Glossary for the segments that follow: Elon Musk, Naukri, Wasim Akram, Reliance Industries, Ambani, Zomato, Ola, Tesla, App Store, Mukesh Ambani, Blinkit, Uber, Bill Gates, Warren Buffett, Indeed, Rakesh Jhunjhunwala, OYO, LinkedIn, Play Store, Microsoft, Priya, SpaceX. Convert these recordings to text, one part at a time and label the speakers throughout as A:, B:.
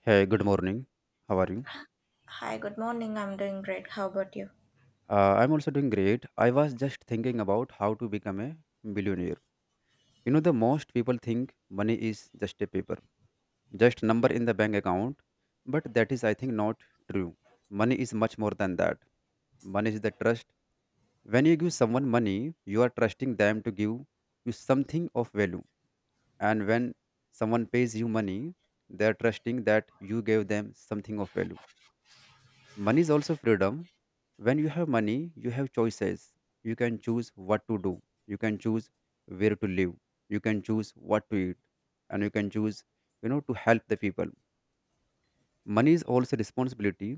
A: Hey, good morning. How are you?
B: Hi, good morning. I'm doing great. How about you?
A: I'm also doing great. I was just thinking about how to become a billionaire. You know, the most people think money is just a paper, just number in the bank account, but that is, I think, not true. Money is much more than that. Money is the trust. When you give someone money, you are trusting them to give you something of value. And when someone pays you money, they are trusting that you gave them something of value. Money is also freedom. When you have money, you have choices. You can choose what to do. You can choose where to live. You can choose what to eat. And you can choose, to help the people. Money is also responsibility.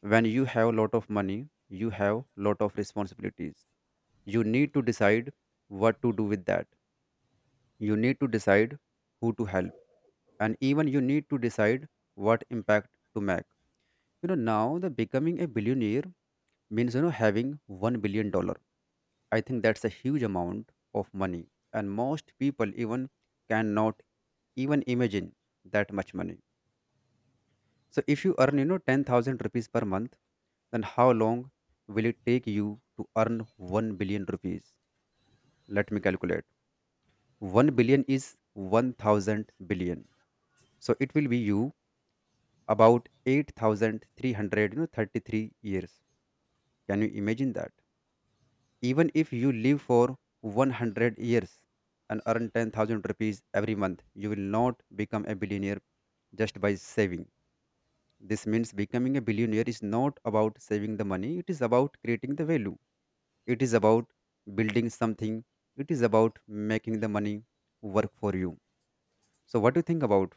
A: When you have a lot of money, you have lot of responsibilities. You need to decide what to do with that. You need to decide who to help. And even you need to decide what impact to make. You know, now the becoming a billionaire means having $1 billion. I think that's a huge amount of money, and most people even cannot even imagine that much money. So if you earn 10,000 rupees per month, then how long will it take you to earn 1 billion rupees? Let me calculate. 1 billion is 1000 billion, so it will be you about 8,333 33 years. Can you imagine that? Even if you live for 100 years and earn 10,000 rupees every month, you will not become a billionaire just by saving. This means becoming a billionaire is not about saving the money, it is about creating the value. It is about building something. It is about making the money work for you. So what do you think about?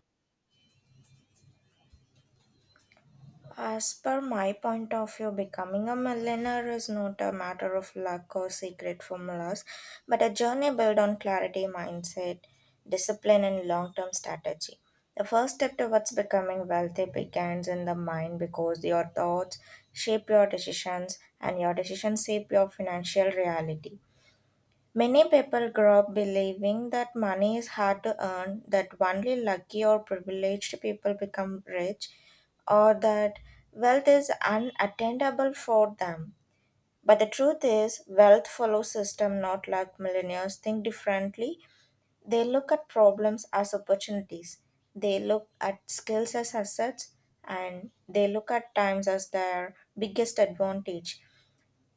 B: As per my point of view, becoming a millionaire is not a matter of luck or secret formulas, but a journey built on clarity, mindset, discipline, and long term strategy. The first step towards becoming wealthy begins in the mind because your thoughts shape your decisions, and your decisions shape your financial reality. Many people grow up believing that money is hard to earn, that only lucky or privileged people become rich, or that wealth is unattainable for them. But the truth is, wealth follows system, not luck. Millionaires think differently. They look at problems as opportunities. They look at skills as assets, and they look at times as their biggest advantage.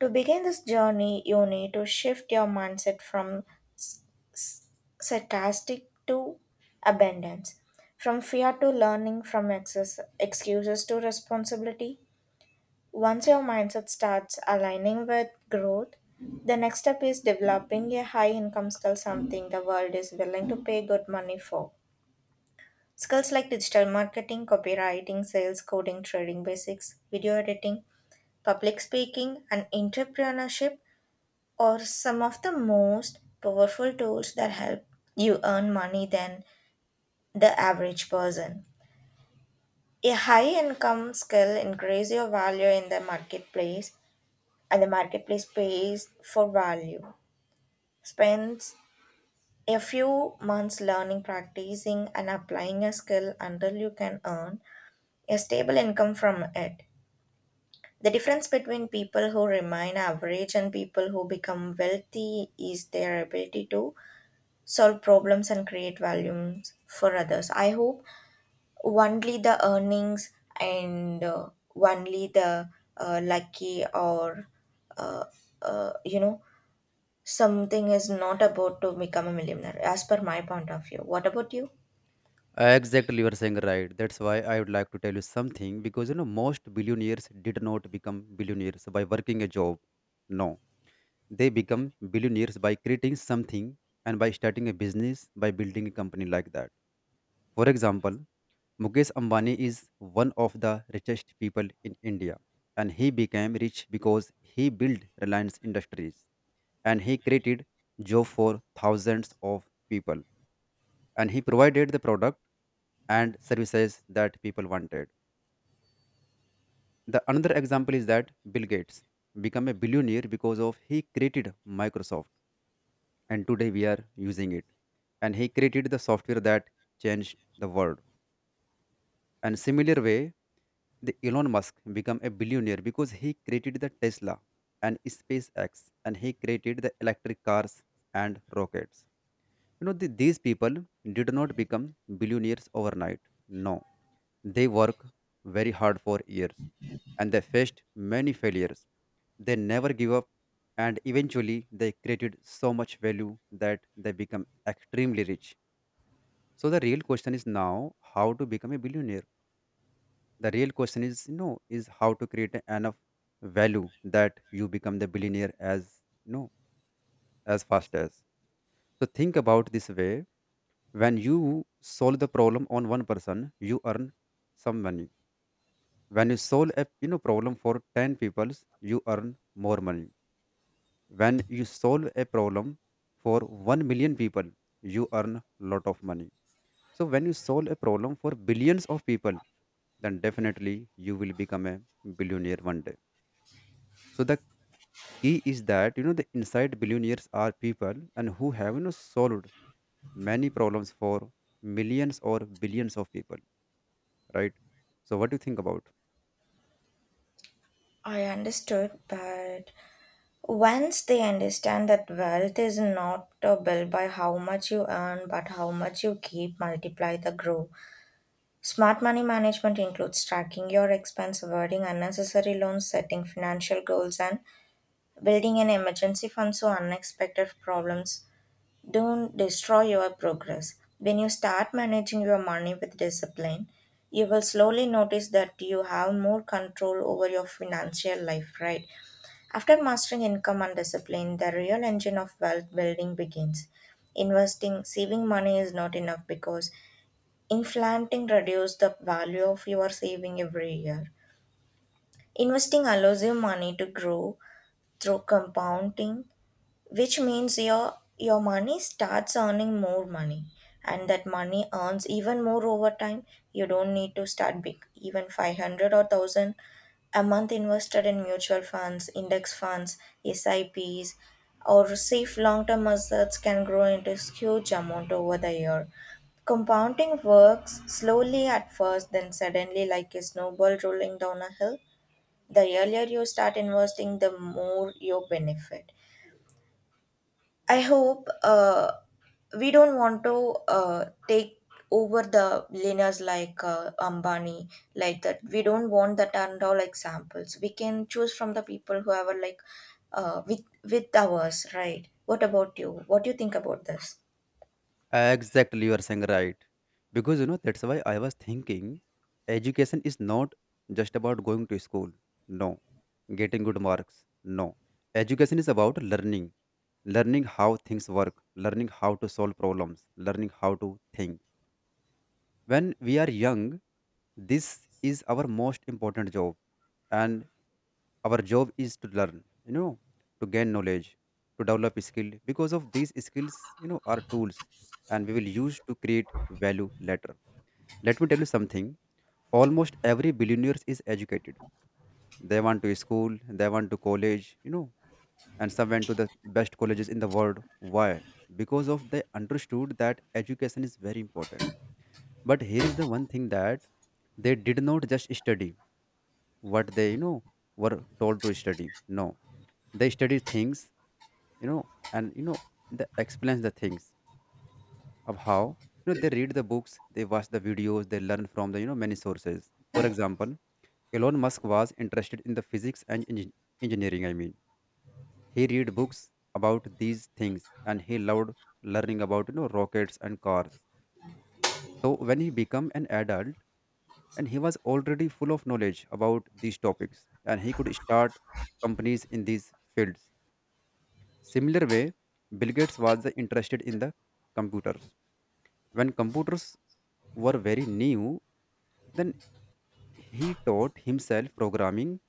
B: To begin this journey, you need to shift your mindset from sarcastic to abundance, from fear to learning, from excess, excuses to responsibility. Once your mindset starts aligning with growth, the next step is developing a high income skill, something the world is willing to pay good money for. Skills like digital marketing, copywriting, sales, coding, trading basics, video editing, public speaking, and entrepreneurship are some of the most powerful tools that help you earn money than the average person. A high income skill increase your value in the marketplace and the marketplace pays for value. Spends a few months learning, practicing and applying a skill until you can earn a stable income from it. The difference between people who remain average and people who become wealthy is their ability to solve problems and create values for others. I hope only the earnings and only the lucky or uh, uh, you know something is not about to become a millionaire, as per my point of view. What about you?
A: Exactly, you are saying right. That's why I would like to tell you something, because most billionaires did not become billionaires by working a job. No, they become billionaires by creating something and by starting a business, by building a company like that. For example, Mukesh Ambani is one of the richest people in India, and he became rich because he built Reliance Industries and he created job for thousands of people and he provided the product and services that people wanted. The another example is that Bill Gates became a billionaire because of he created Microsoft, and today we are using it. And he created the software that changed the world. And similar way, the Elon Musk became a billionaire because he created the Tesla and SpaceX, and he created the electric cars and rockets. You know, these people did not become billionaires overnight. No, they work very hard for years and they faced many failures. They never give up, and eventually they created so much value that they become extremely rich. So the real question is now how to become a billionaire. The real question is you know is how to create enough value that you become the billionaire as as fast as. So think about this way. When you solve the problem on one person, you earn some money. When you solve a problem for 10 people, you earn more money. When you solve a problem for 1 million people, you earn lot of money. So when you solve a problem for billions of people, then definitely you will become a billionaire one day. So the key is that the inside billionaires are people and who have solved many problems for millions or billions of people, right? So what do you think about?
B: I understood, but once they understand that wealth is not built by how much you earn but how much you keep, multiply the grow. Smart money management includes tracking your expense, avoiding unnecessary loans, setting financial goals, and building an emergency fund so unexpected problems don't destroy your progress. When you start managing your money with discipline, you will slowly notice that you have more control over your financial life, right? After mastering income and discipline, the real engine of wealth building begins. Investing, saving money is not enough because inflating reduces the value of your saving every year. Investing allows your money to grow through compounding, which means your money starts earning more money, and that money earns even more over time. You don't need to start big, even 500 or 1000 a month invested in mutual funds, index funds, sips, or safe long term assets can grow into huge amount over the year. Compounding works slowly at first, then suddenly, like a snowball rolling down a hill. The earlier you start investing, the more you benefit. I hope we don't want to take over the billionaires like Ambani, like that. We don't want that and all examples. We can choose from the people who have like with ours, right? What about you? What do you think about this?
A: Exactly, you are saying right. Because that's why I was thinking education is not just about going to school. No. Getting good marks. No. Education is about learning, learning how things work, learning how to solve problems, learning how to think. When we are young, this is our most important job. And our job is to learn, to gain knowledge, to develop skill, because of these skills are tools, and we will use to create value later. Let me tell you something. Almost every billionaires is educated. They went to school, they went to college, and some went to the best colleges in the world. Why? Because of they understood that education is very important. But here is the one thing that they did not just study what they were told to study. No, they study things, and they explain the things of how they read the books, they watch the videos, they learn from the many sources. For example, Elon Musk was interested in the physics and engineering, I mean. He read books about these things and he loved learning about rockets and cars. So when he became an adult, and he was already full of knowledge about these topics, and he could start companies in these fields. Similar way, Bill Gates was interested in the computers. When computers were very new, then he taught himself programming,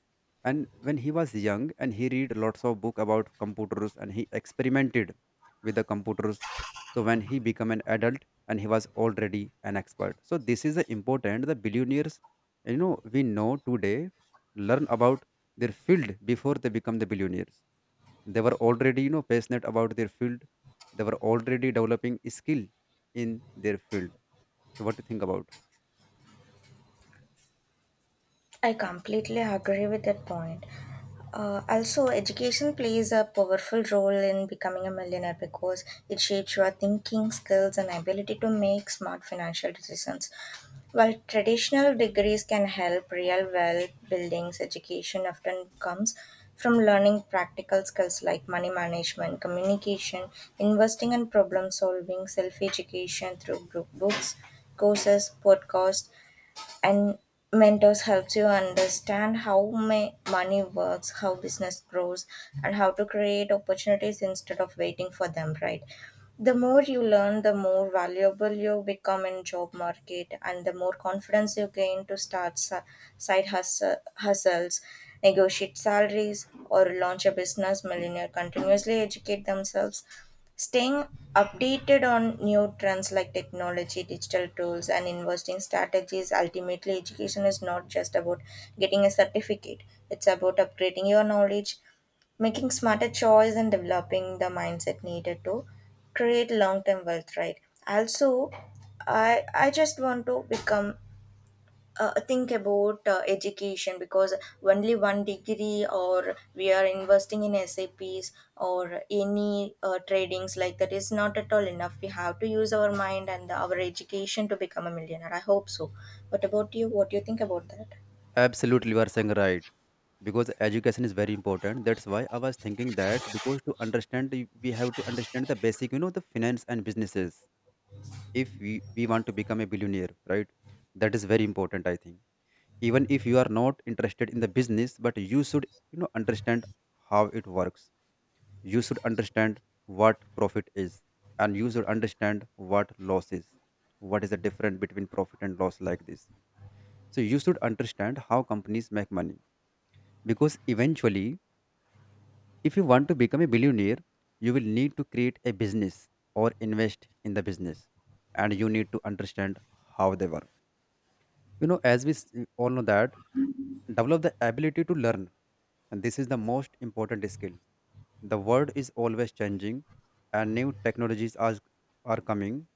A: and when he was young, and he read lots of book about computers, and he experimented with the computers. So when he became an adult, and he was already an expert. So this is the important, the billionaires we know today, learn about their field before they become the billionaires. They were already passionate about their field. They were already developing skill in their field. So what do you think about?
B: I completely agree with that point. Also, education plays a powerful role in becoming a millionaire because it shapes your thinking, skills, and ability to make smart financial decisions. While traditional degrees can help real wealth buildings, education often comes from learning practical skills like money management, communication, investing, and problem solving. Self education through group books, courses, podcasts, and mentors helps you understand how may money works, how business grows, and how to create opportunities instead of waiting for them, right? The more you learn, the more valuable you become in job market, and the more confidence you gain to start side hustles, negotiate salaries, or launch a business. Millionaire continuously educate themselves, staying updated on new trends like technology, digital tools, and investing strategies. Ultimately, education is not just about getting a certificate. It's about upgrading your knowledge, making smarter choice, and developing the mindset needed to create long-term wealth, right? Also, I just want to become think about education, because only one degree or we are investing in saps or any tradings like that is not at all enough. We have to use our mind and our education to become a millionaire, I hope so. What about you? What do you think about that?
A: Absolutely, you are saying right. Because education is very important. That's why I was thinking that because to understand, we have to understand the basic, the finance and businesses. If we want to become a billionaire, right? That is very important, I think. Even if you are not interested in the business, but you should, understand how it works. You should understand what profit is, and you should understand what loss is. What is the difference between profit and loss like this? So you should understand how companies make money, because eventually, if you want to become a billionaire, you will need to create a business or invest in the business. And you need to understand how they work. You know, as we all know that, develop the ability to learn. And this is the most important skill. The world is always changing, and new technologies are coming.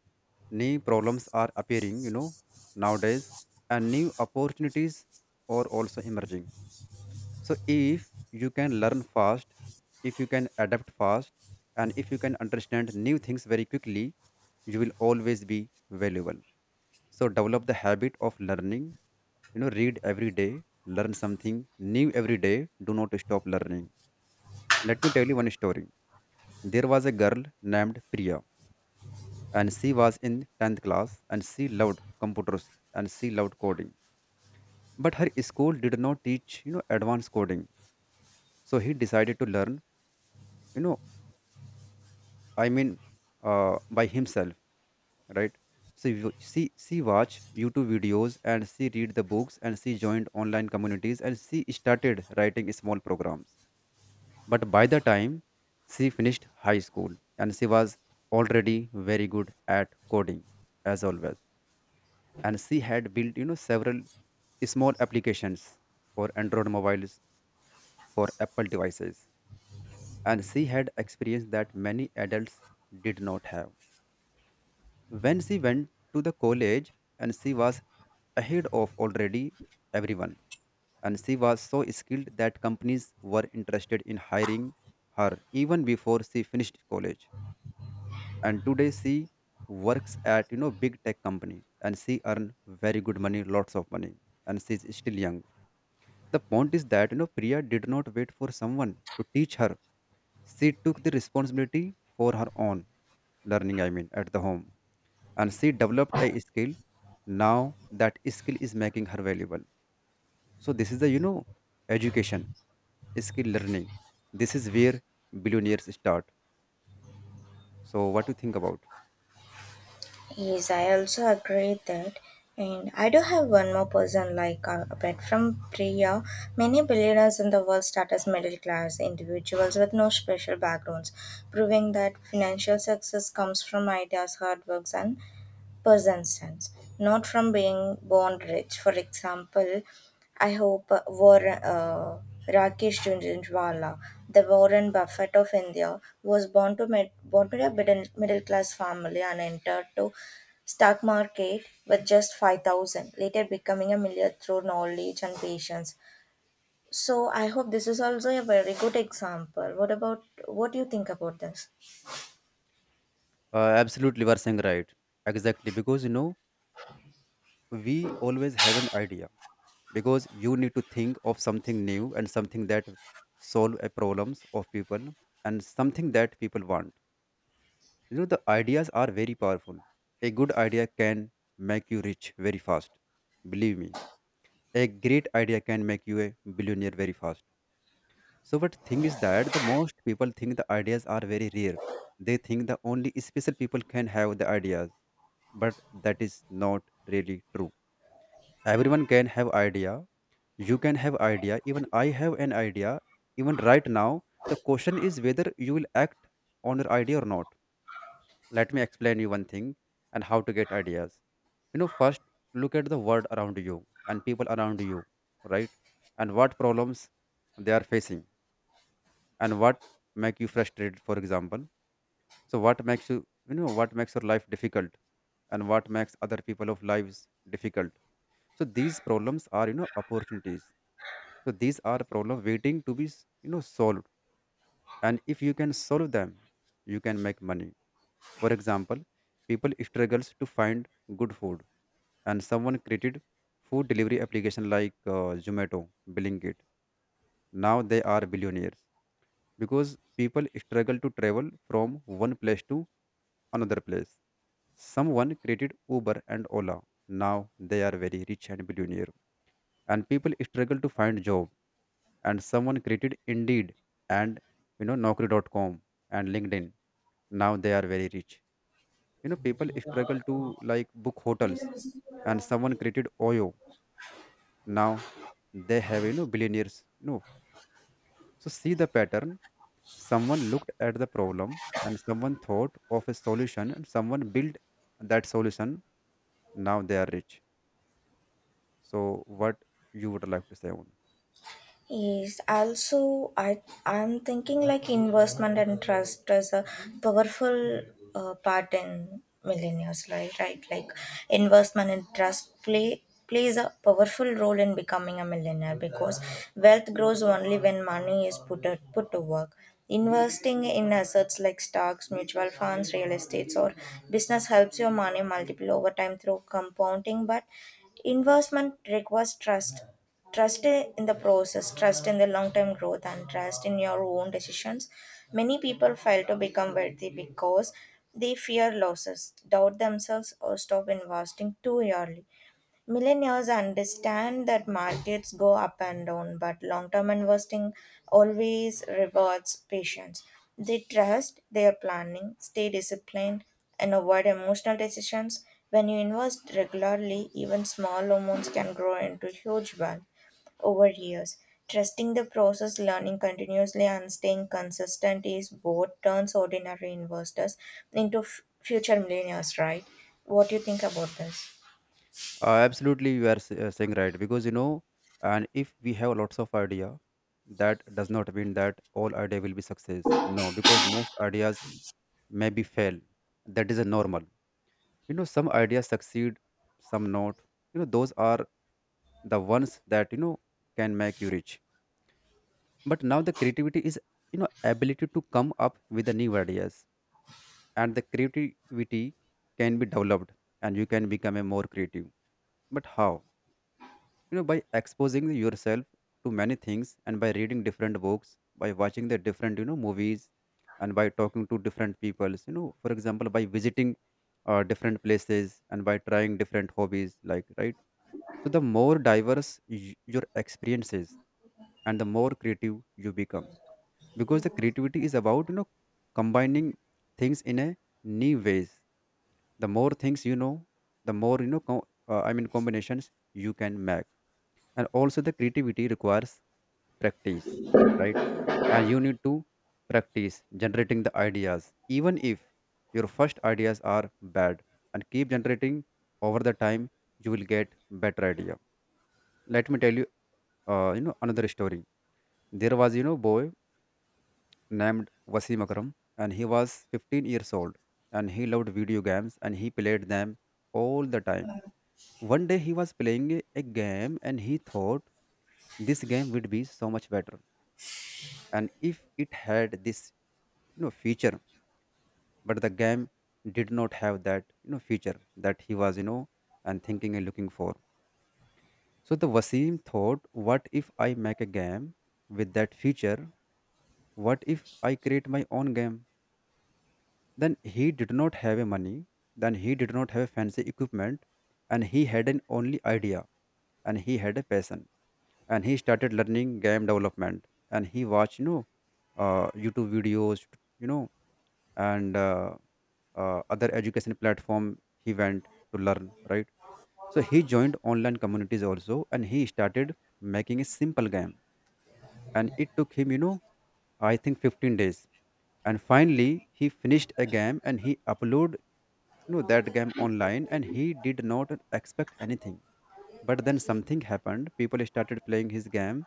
A: New problems are appearing, nowadays. And new opportunities are also emerging. So if you can learn fast, if you can adapt fast, and if you can understand new things very quickly, you will always be valuable. So develop the habit of learning. You know, read every day, learn something new every day. Do not stop learning. Let me tell you one story. There was a girl named Priya, and she was in 10th class, and she loved computers and she loved coding. But her school did not teach, advanced coding. So he decided to learn, you know I mean, by himself, right? So she watch YouTube videos, and she read the books, and she joined online communities, and she started writing small programs. But by the time she finished high school, and she was already very good at coding as always. And she had built several small applications for Android mobiles, for Apple devices. And she had experience that many adults did not have. When she went to the college, and she was ahead of already everyone, and she was so skilled that companies were interested in hiring her even before she finished college. And today she works at big tech company, and she earn very good money, lots of money, and she's still young. The point is that Priya did not wait for someone to teach her. She took the responsibility for her own learning, I mean, at the home. And she developed a skill. Now that skill is making her valuable. So this is the, education, skill, learning. This is where billionaires start. So what do you think about?
B: Yes, I also agree that. And I do have one more person, like apart from Priya, many billionaires in the world start as middle class individuals with no special backgrounds, proving that financial success comes from ideas, hard works, and persistence, not from being born rich. For example, I hope Rakesh Jhunjhunwala, the Warren Buffett of India, was born to a middle class family, and entered to stock market with just 5000, later becoming a millionaire through knowledge and patience. So I hope this is also a very good example. What about? What do you think about this?
A: Absolutely, you are saying right. Exactly, because we always have an idea, because you need to think of something new and something that solve a problems of people and something that people want. You know, the ideas are very powerful. A good idea can make you rich very fast. Believe me, a great idea can make you a billionaire very fast. So, what thing is that the most people think the ideas are very rare. They think the only special people can have the ideas, but that is not really true. Everyone can have idea. You can have idea. Even I have an idea. Even right now, the question is whether you will act on your idea or not. Let me explain you one thing and how to get ideas. First, look at the world around you and people around you, right? And what problems they are facing, and what make you frustrated, for example. So what makes you you know what makes your life difficult, and what makes other people of lives difficult. So these problems are, opportunities. So these are problems waiting to be solved, and if you can solve them, you can make money. For example, people struggles to find good food, and someone created food delivery application like Zomato, Blinkit. Now they are billionaires. Because people struggle to travel from one place to another place, someone created Uber and Ola. Now they are very rich and billionaires. And people struggle to find job, and someone created Indeed, and Naukri. Dot com, and LinkedIn. Now they are very rich. You know, people struggle to like book hotels, and someone created Oyo. Now they have, you know, billionaires, you know. So see the pattern. Someone looked at the problem, and someone thought of a solution, and someone built that solution. Now they are rich. So what you would like to say on?
B: Yes, also I'm thinking like investment and trust as a powerful part in millennials, right? Right, like investment and trust plays a powerful role in becoming a millionaire because wealth grows only when money is put put to work. Investing in assets like stocks, mutual funds, real estates, or business helps your money multiply over time through compounding. But investment requires trust. Trust in the process, trust in the long term growth, and trust in your own decisions. Many people fail to become wealthy because they fear losses, doubt themselves, or stop investing too early. Millennials understand that markets go up and down, but long term investing always rewards patience. They trust their planning, stay disciplined, and avoid emotional decisions. When you invest regularly, even small amounts can grow into huge wealth over years. Trusting the process, learning continuously, and staying consistent is what turns ordinary investors into future millionaires, right? What do you think about
A: Absolutely, you are saying right. Because you know, and if we have lots of idea, that does not mean that all idea will be success. No, because most ideas maybe fail. That is a normal. You know, some ideas succeed, some not. You know, those are the ones that can make you rich. But now the creativity is, you know, ability to come up with the new ideas, and the creativity can be developed, and you can become a more creative. But how? You know, by exposing yourself to many things, and by reading different books, by watching the different, you know, movies, and by talking to different people, you know, for example, by visiting different places, and by trying different hobbies like, right? So the more diverse your experience is, and the more creative you become. Because the creativity is about, you know, combining things in a new ways. The more things you know, the more, you know, combinations you can make. And also the creativity requires practice, right? And you need to practice generating the ideas, even if your first ideas are bad, and keep generating. Over the time you will get better idea. Let me tell you you know another story. There was, you know, boy named Wasim Akram, and he was 15 years old, and he loved video games, and he played them all the time. One day he was playing a game, and he thought this game would be so much better and if it had this, you know, feature. But the game did not have that, you know, feature that he was, you know, and thinking and looking for. So the Wasim thought, what if I make a game with that feature? What if I create my own game? Then he did not have a money, then he did not have fancy equipment. And he had an only idea, and he had a passion. And he started learning game development, and he watched, you know, YouTube videos, you know, and other education platform he went to learn, right? So he joined online communities also, and he started making a simple game. And it took him, you know, I think 15 days. And finally he finished a game and he uploaded, you know, that game online, and he did not expect anything. But then something happened: people started playing his game,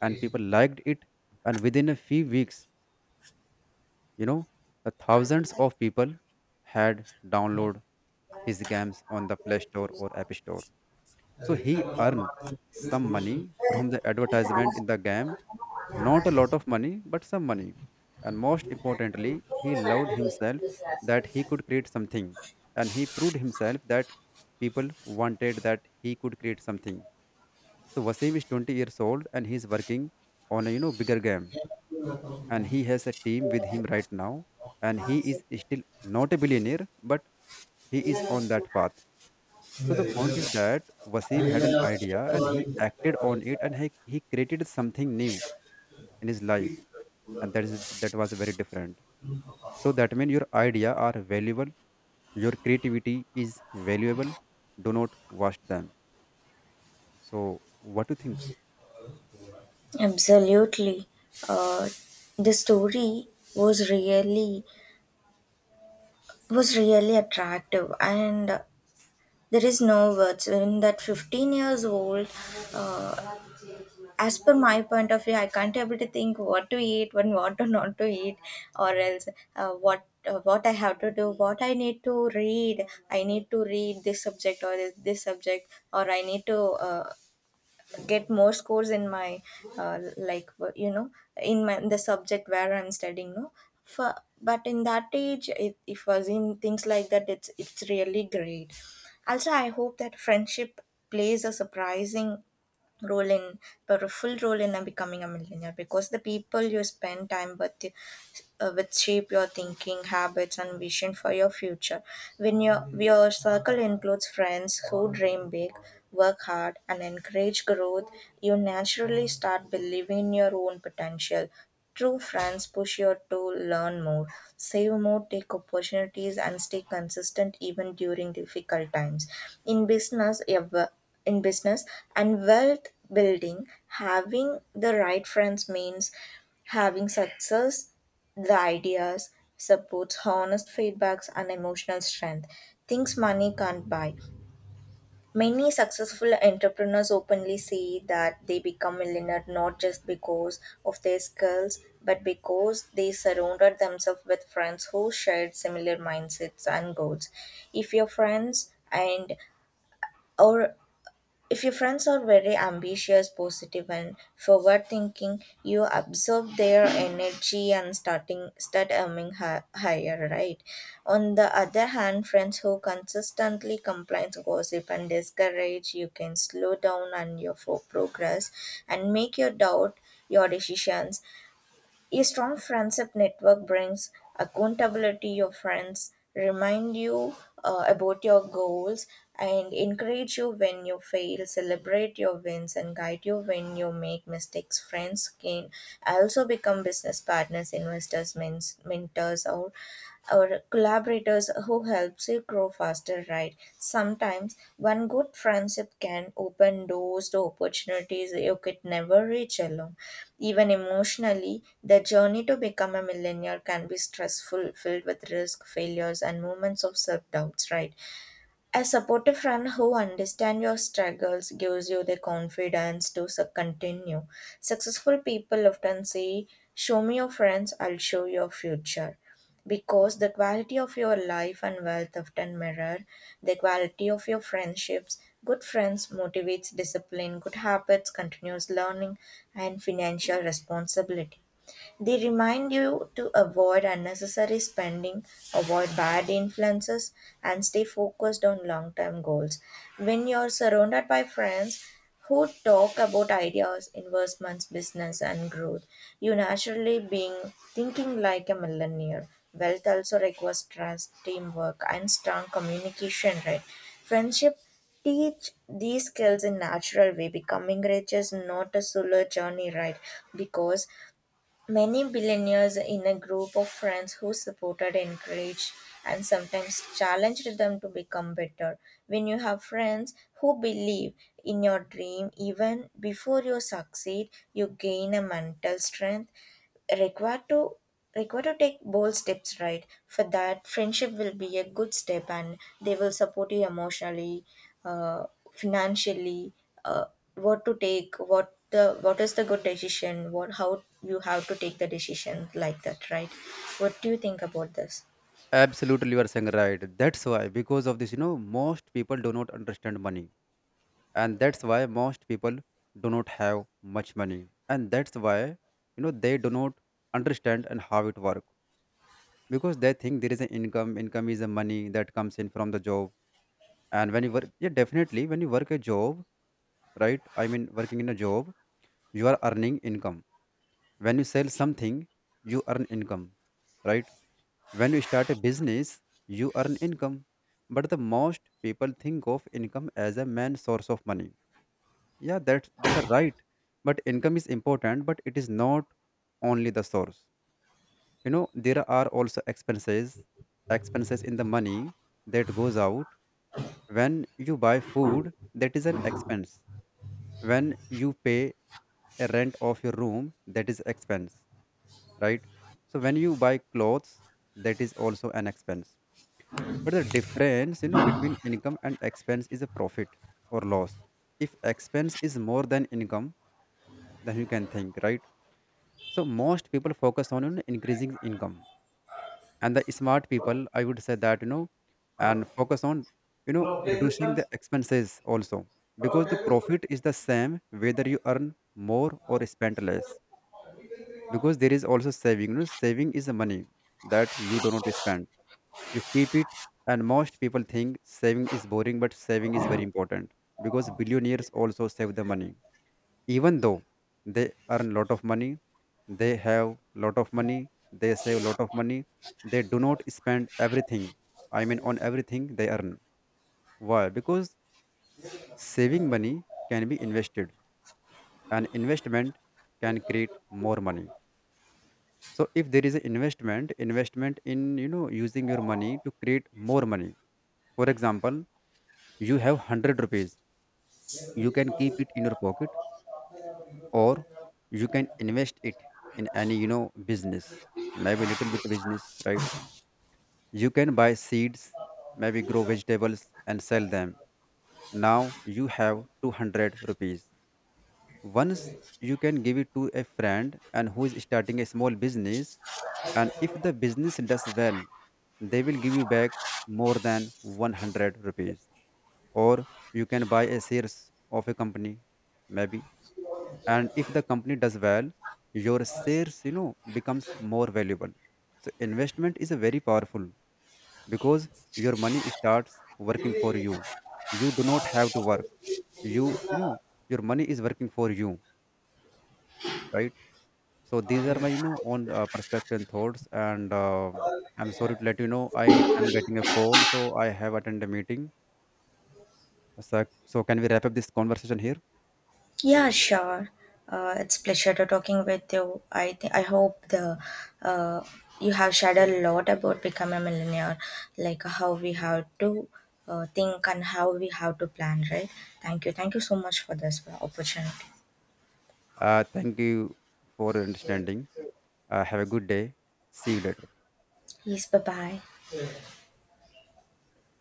A: and
B: this?
A: people liked it. And within a few weeks, you know, the thousands of people had downloaded his games on the Play Store or App Store. So he earned some money from the advertisement in the game, not a lot of money, but some money. And most importantly, he loved himself that he could create something. And he proved himself that people wanted that he could create something. So Wasim is 20 years old and he's working on a, you know, bigger game. And he has a team with him right now. And he is still not a billionaire, but he is on that path. So the point is that Wasim had an idea and he acted on it, and he created something new in his life, and that is, that was very different. So that means your idea are valuable, your creativity is valuable. Do not waste them. So what do you think?
B: Absolutely. Uh, the story was really was really attractive, and there is no words when that 15 years old uh, as per my point of view, I can't able to think what to eat, when what to not to eat, or else what I have to do, what I need to read. I need to read this subject or this subject, or I need to. Uh, get more scores in my like you know in my the subject where I'm studying, no, for, but in that age, if I was in things like that, it's really great. Also, I hope that friendship plays a surprising role in, but a full role in becoming a millionaire, because the people you spend time with shape your thinking, habits, and vision for your future. When your circle includes friends who dream big, work hard, and encourage growth, you naturally start believing in your own potential. True friends push you to learn more, save more, take opportunities, and stay consistent even during difficult times. In business, ev- in business and wealth building, having the right friends means having success, the ideas, supports, honest feedbacks, and emotional strength. Things money can't buy. Many successful entrepreneurs openly say that they become millionaire not just because of their skills, but because they surrounded themselves with friends who shared similar mindsets and goals. If your friends and or If your friends are very ambitious, positive, and forward thinking, you absorb their energy and start aiming higher, right? On the other hand, friends who consistently complain, gossip, and discourage, you can slow down on your progress and make your doubt your decisions. A strong friendship network brings accountability. Your friends remind you about your goals, and encourage you when you fail, celebrate your wins, and guide you when you make mistakes. Friends can also become business partners, investors, mentors, or collaborators who helps you grow faster, right? Sometimes one good friendship can open doors to opportunities you could never reach alone. Even emotionally, the journey to become a millionaire can be stressful, filled with risk, failures, and moments of self doubts, right? A supportive friend who understands your struggles gives you the confidence to continue. Successful people often say, show me your friends, I'll show your future. Because the quality of your life and wealth often mirror the quality of your friendships. Good friends motivates discipline, good habits, continuous learning, and financial responsibility. They remind you to avoid unnecessary spending, avoid bad influences, and stay focused on long term goals. When you're surrounded by friends who talk about ideas, investments, business, and growth, you naturally being thinking like a millionaire. Wealth also requires trust, teamwork, and strong communication, right? Friendship teach these skills in natural way. Becoming rich is not a solo journey, right? Because many billionaires in a group of friends who supported, encouraged, and sometimes challenged them to become better. When you have friends who believe in your dream even before you succeed, you gain a mental strength required to required to take bold steps, right? For that, friendship will be a good step, and they will support you emotionally, uh, financially, uh, what to take, what is the good decision, what how you have to take the decision, like that, right? What do you think about
A: Absolutely, you are saying right. That's why because of this, you know, most people do not understand money, and that's why most people do not have much money, and that's why you know they do not understand and how it works. Because they think there is an income, income is the money that comes in from the job. And when you work, yeah, definitely, when you work a job, right, I mean working in a job, you are earning income. When you sell something, you earn income, right? When you start a business, you earn income. But the most people think of income as a main source of money. Yeah, that that are right. But income is important, but it is not only the source. You know, there are also expenses, expenses in the money that goes out. When you buy food, that is an expense. When you pay a rent of your room, that is expense, right? So when you buy clothes, that is also an expense. But the difference, you know, between income and expense is a profit or loss. If expense is more than income, then you can think, right? So most people focus on, you know, increasing income. And the smart people, I would say that, you know, and focus on, you know, reducing the expenses also. Because the profit is the same whether you earn more or spend less. Because there is also saving. You know, saving is the money that you do not spend, you keep it. And most people think saving is boring, but saving is very important. Because billionaires also save the money, even though they earn lot of money, they have lot of money, they save lot of money. They do not spend everything, I mean on everything they earn. Why? Because saving money can be invested, and investment can create more money. So if there is an investment, investment in, you know, using your money to create more money. For example, you have 100 rupees. You can keep it in your pocket, or you can invest it in any, you know, business, maybe little bit business, right? You can buy seeds, maybe grow vegetables and sell them. Now you have 200 rupees. Once you can give it to a friend and who is starting a small business, and if the business does well, they will give you back more than 100 rupees. Or you can buy a shares of a company, maybe, and if the company does well, your shares, you know, becomes more valuable. So investment is a very powerful. Because your money starts working for you. You do not have to work. You know, your money is working for you, right? So these are my, you
B: this?
A: know, own perspective and thoughts, and I'm sorry to let you know, I am getting a call, so I have attended a meeting. So, can we wrap up this conversation here?
B: Yeah, sure. It's pleasure to talking with you. I hope the uh, you have shared a lot about becoming a millionaire, like how we have to think and how we have to plan, right? Thank you. Thank you so much for this opportunity.
A: Thank you for your understanding. Have a good day. See you later.
B: Yes, bye bye.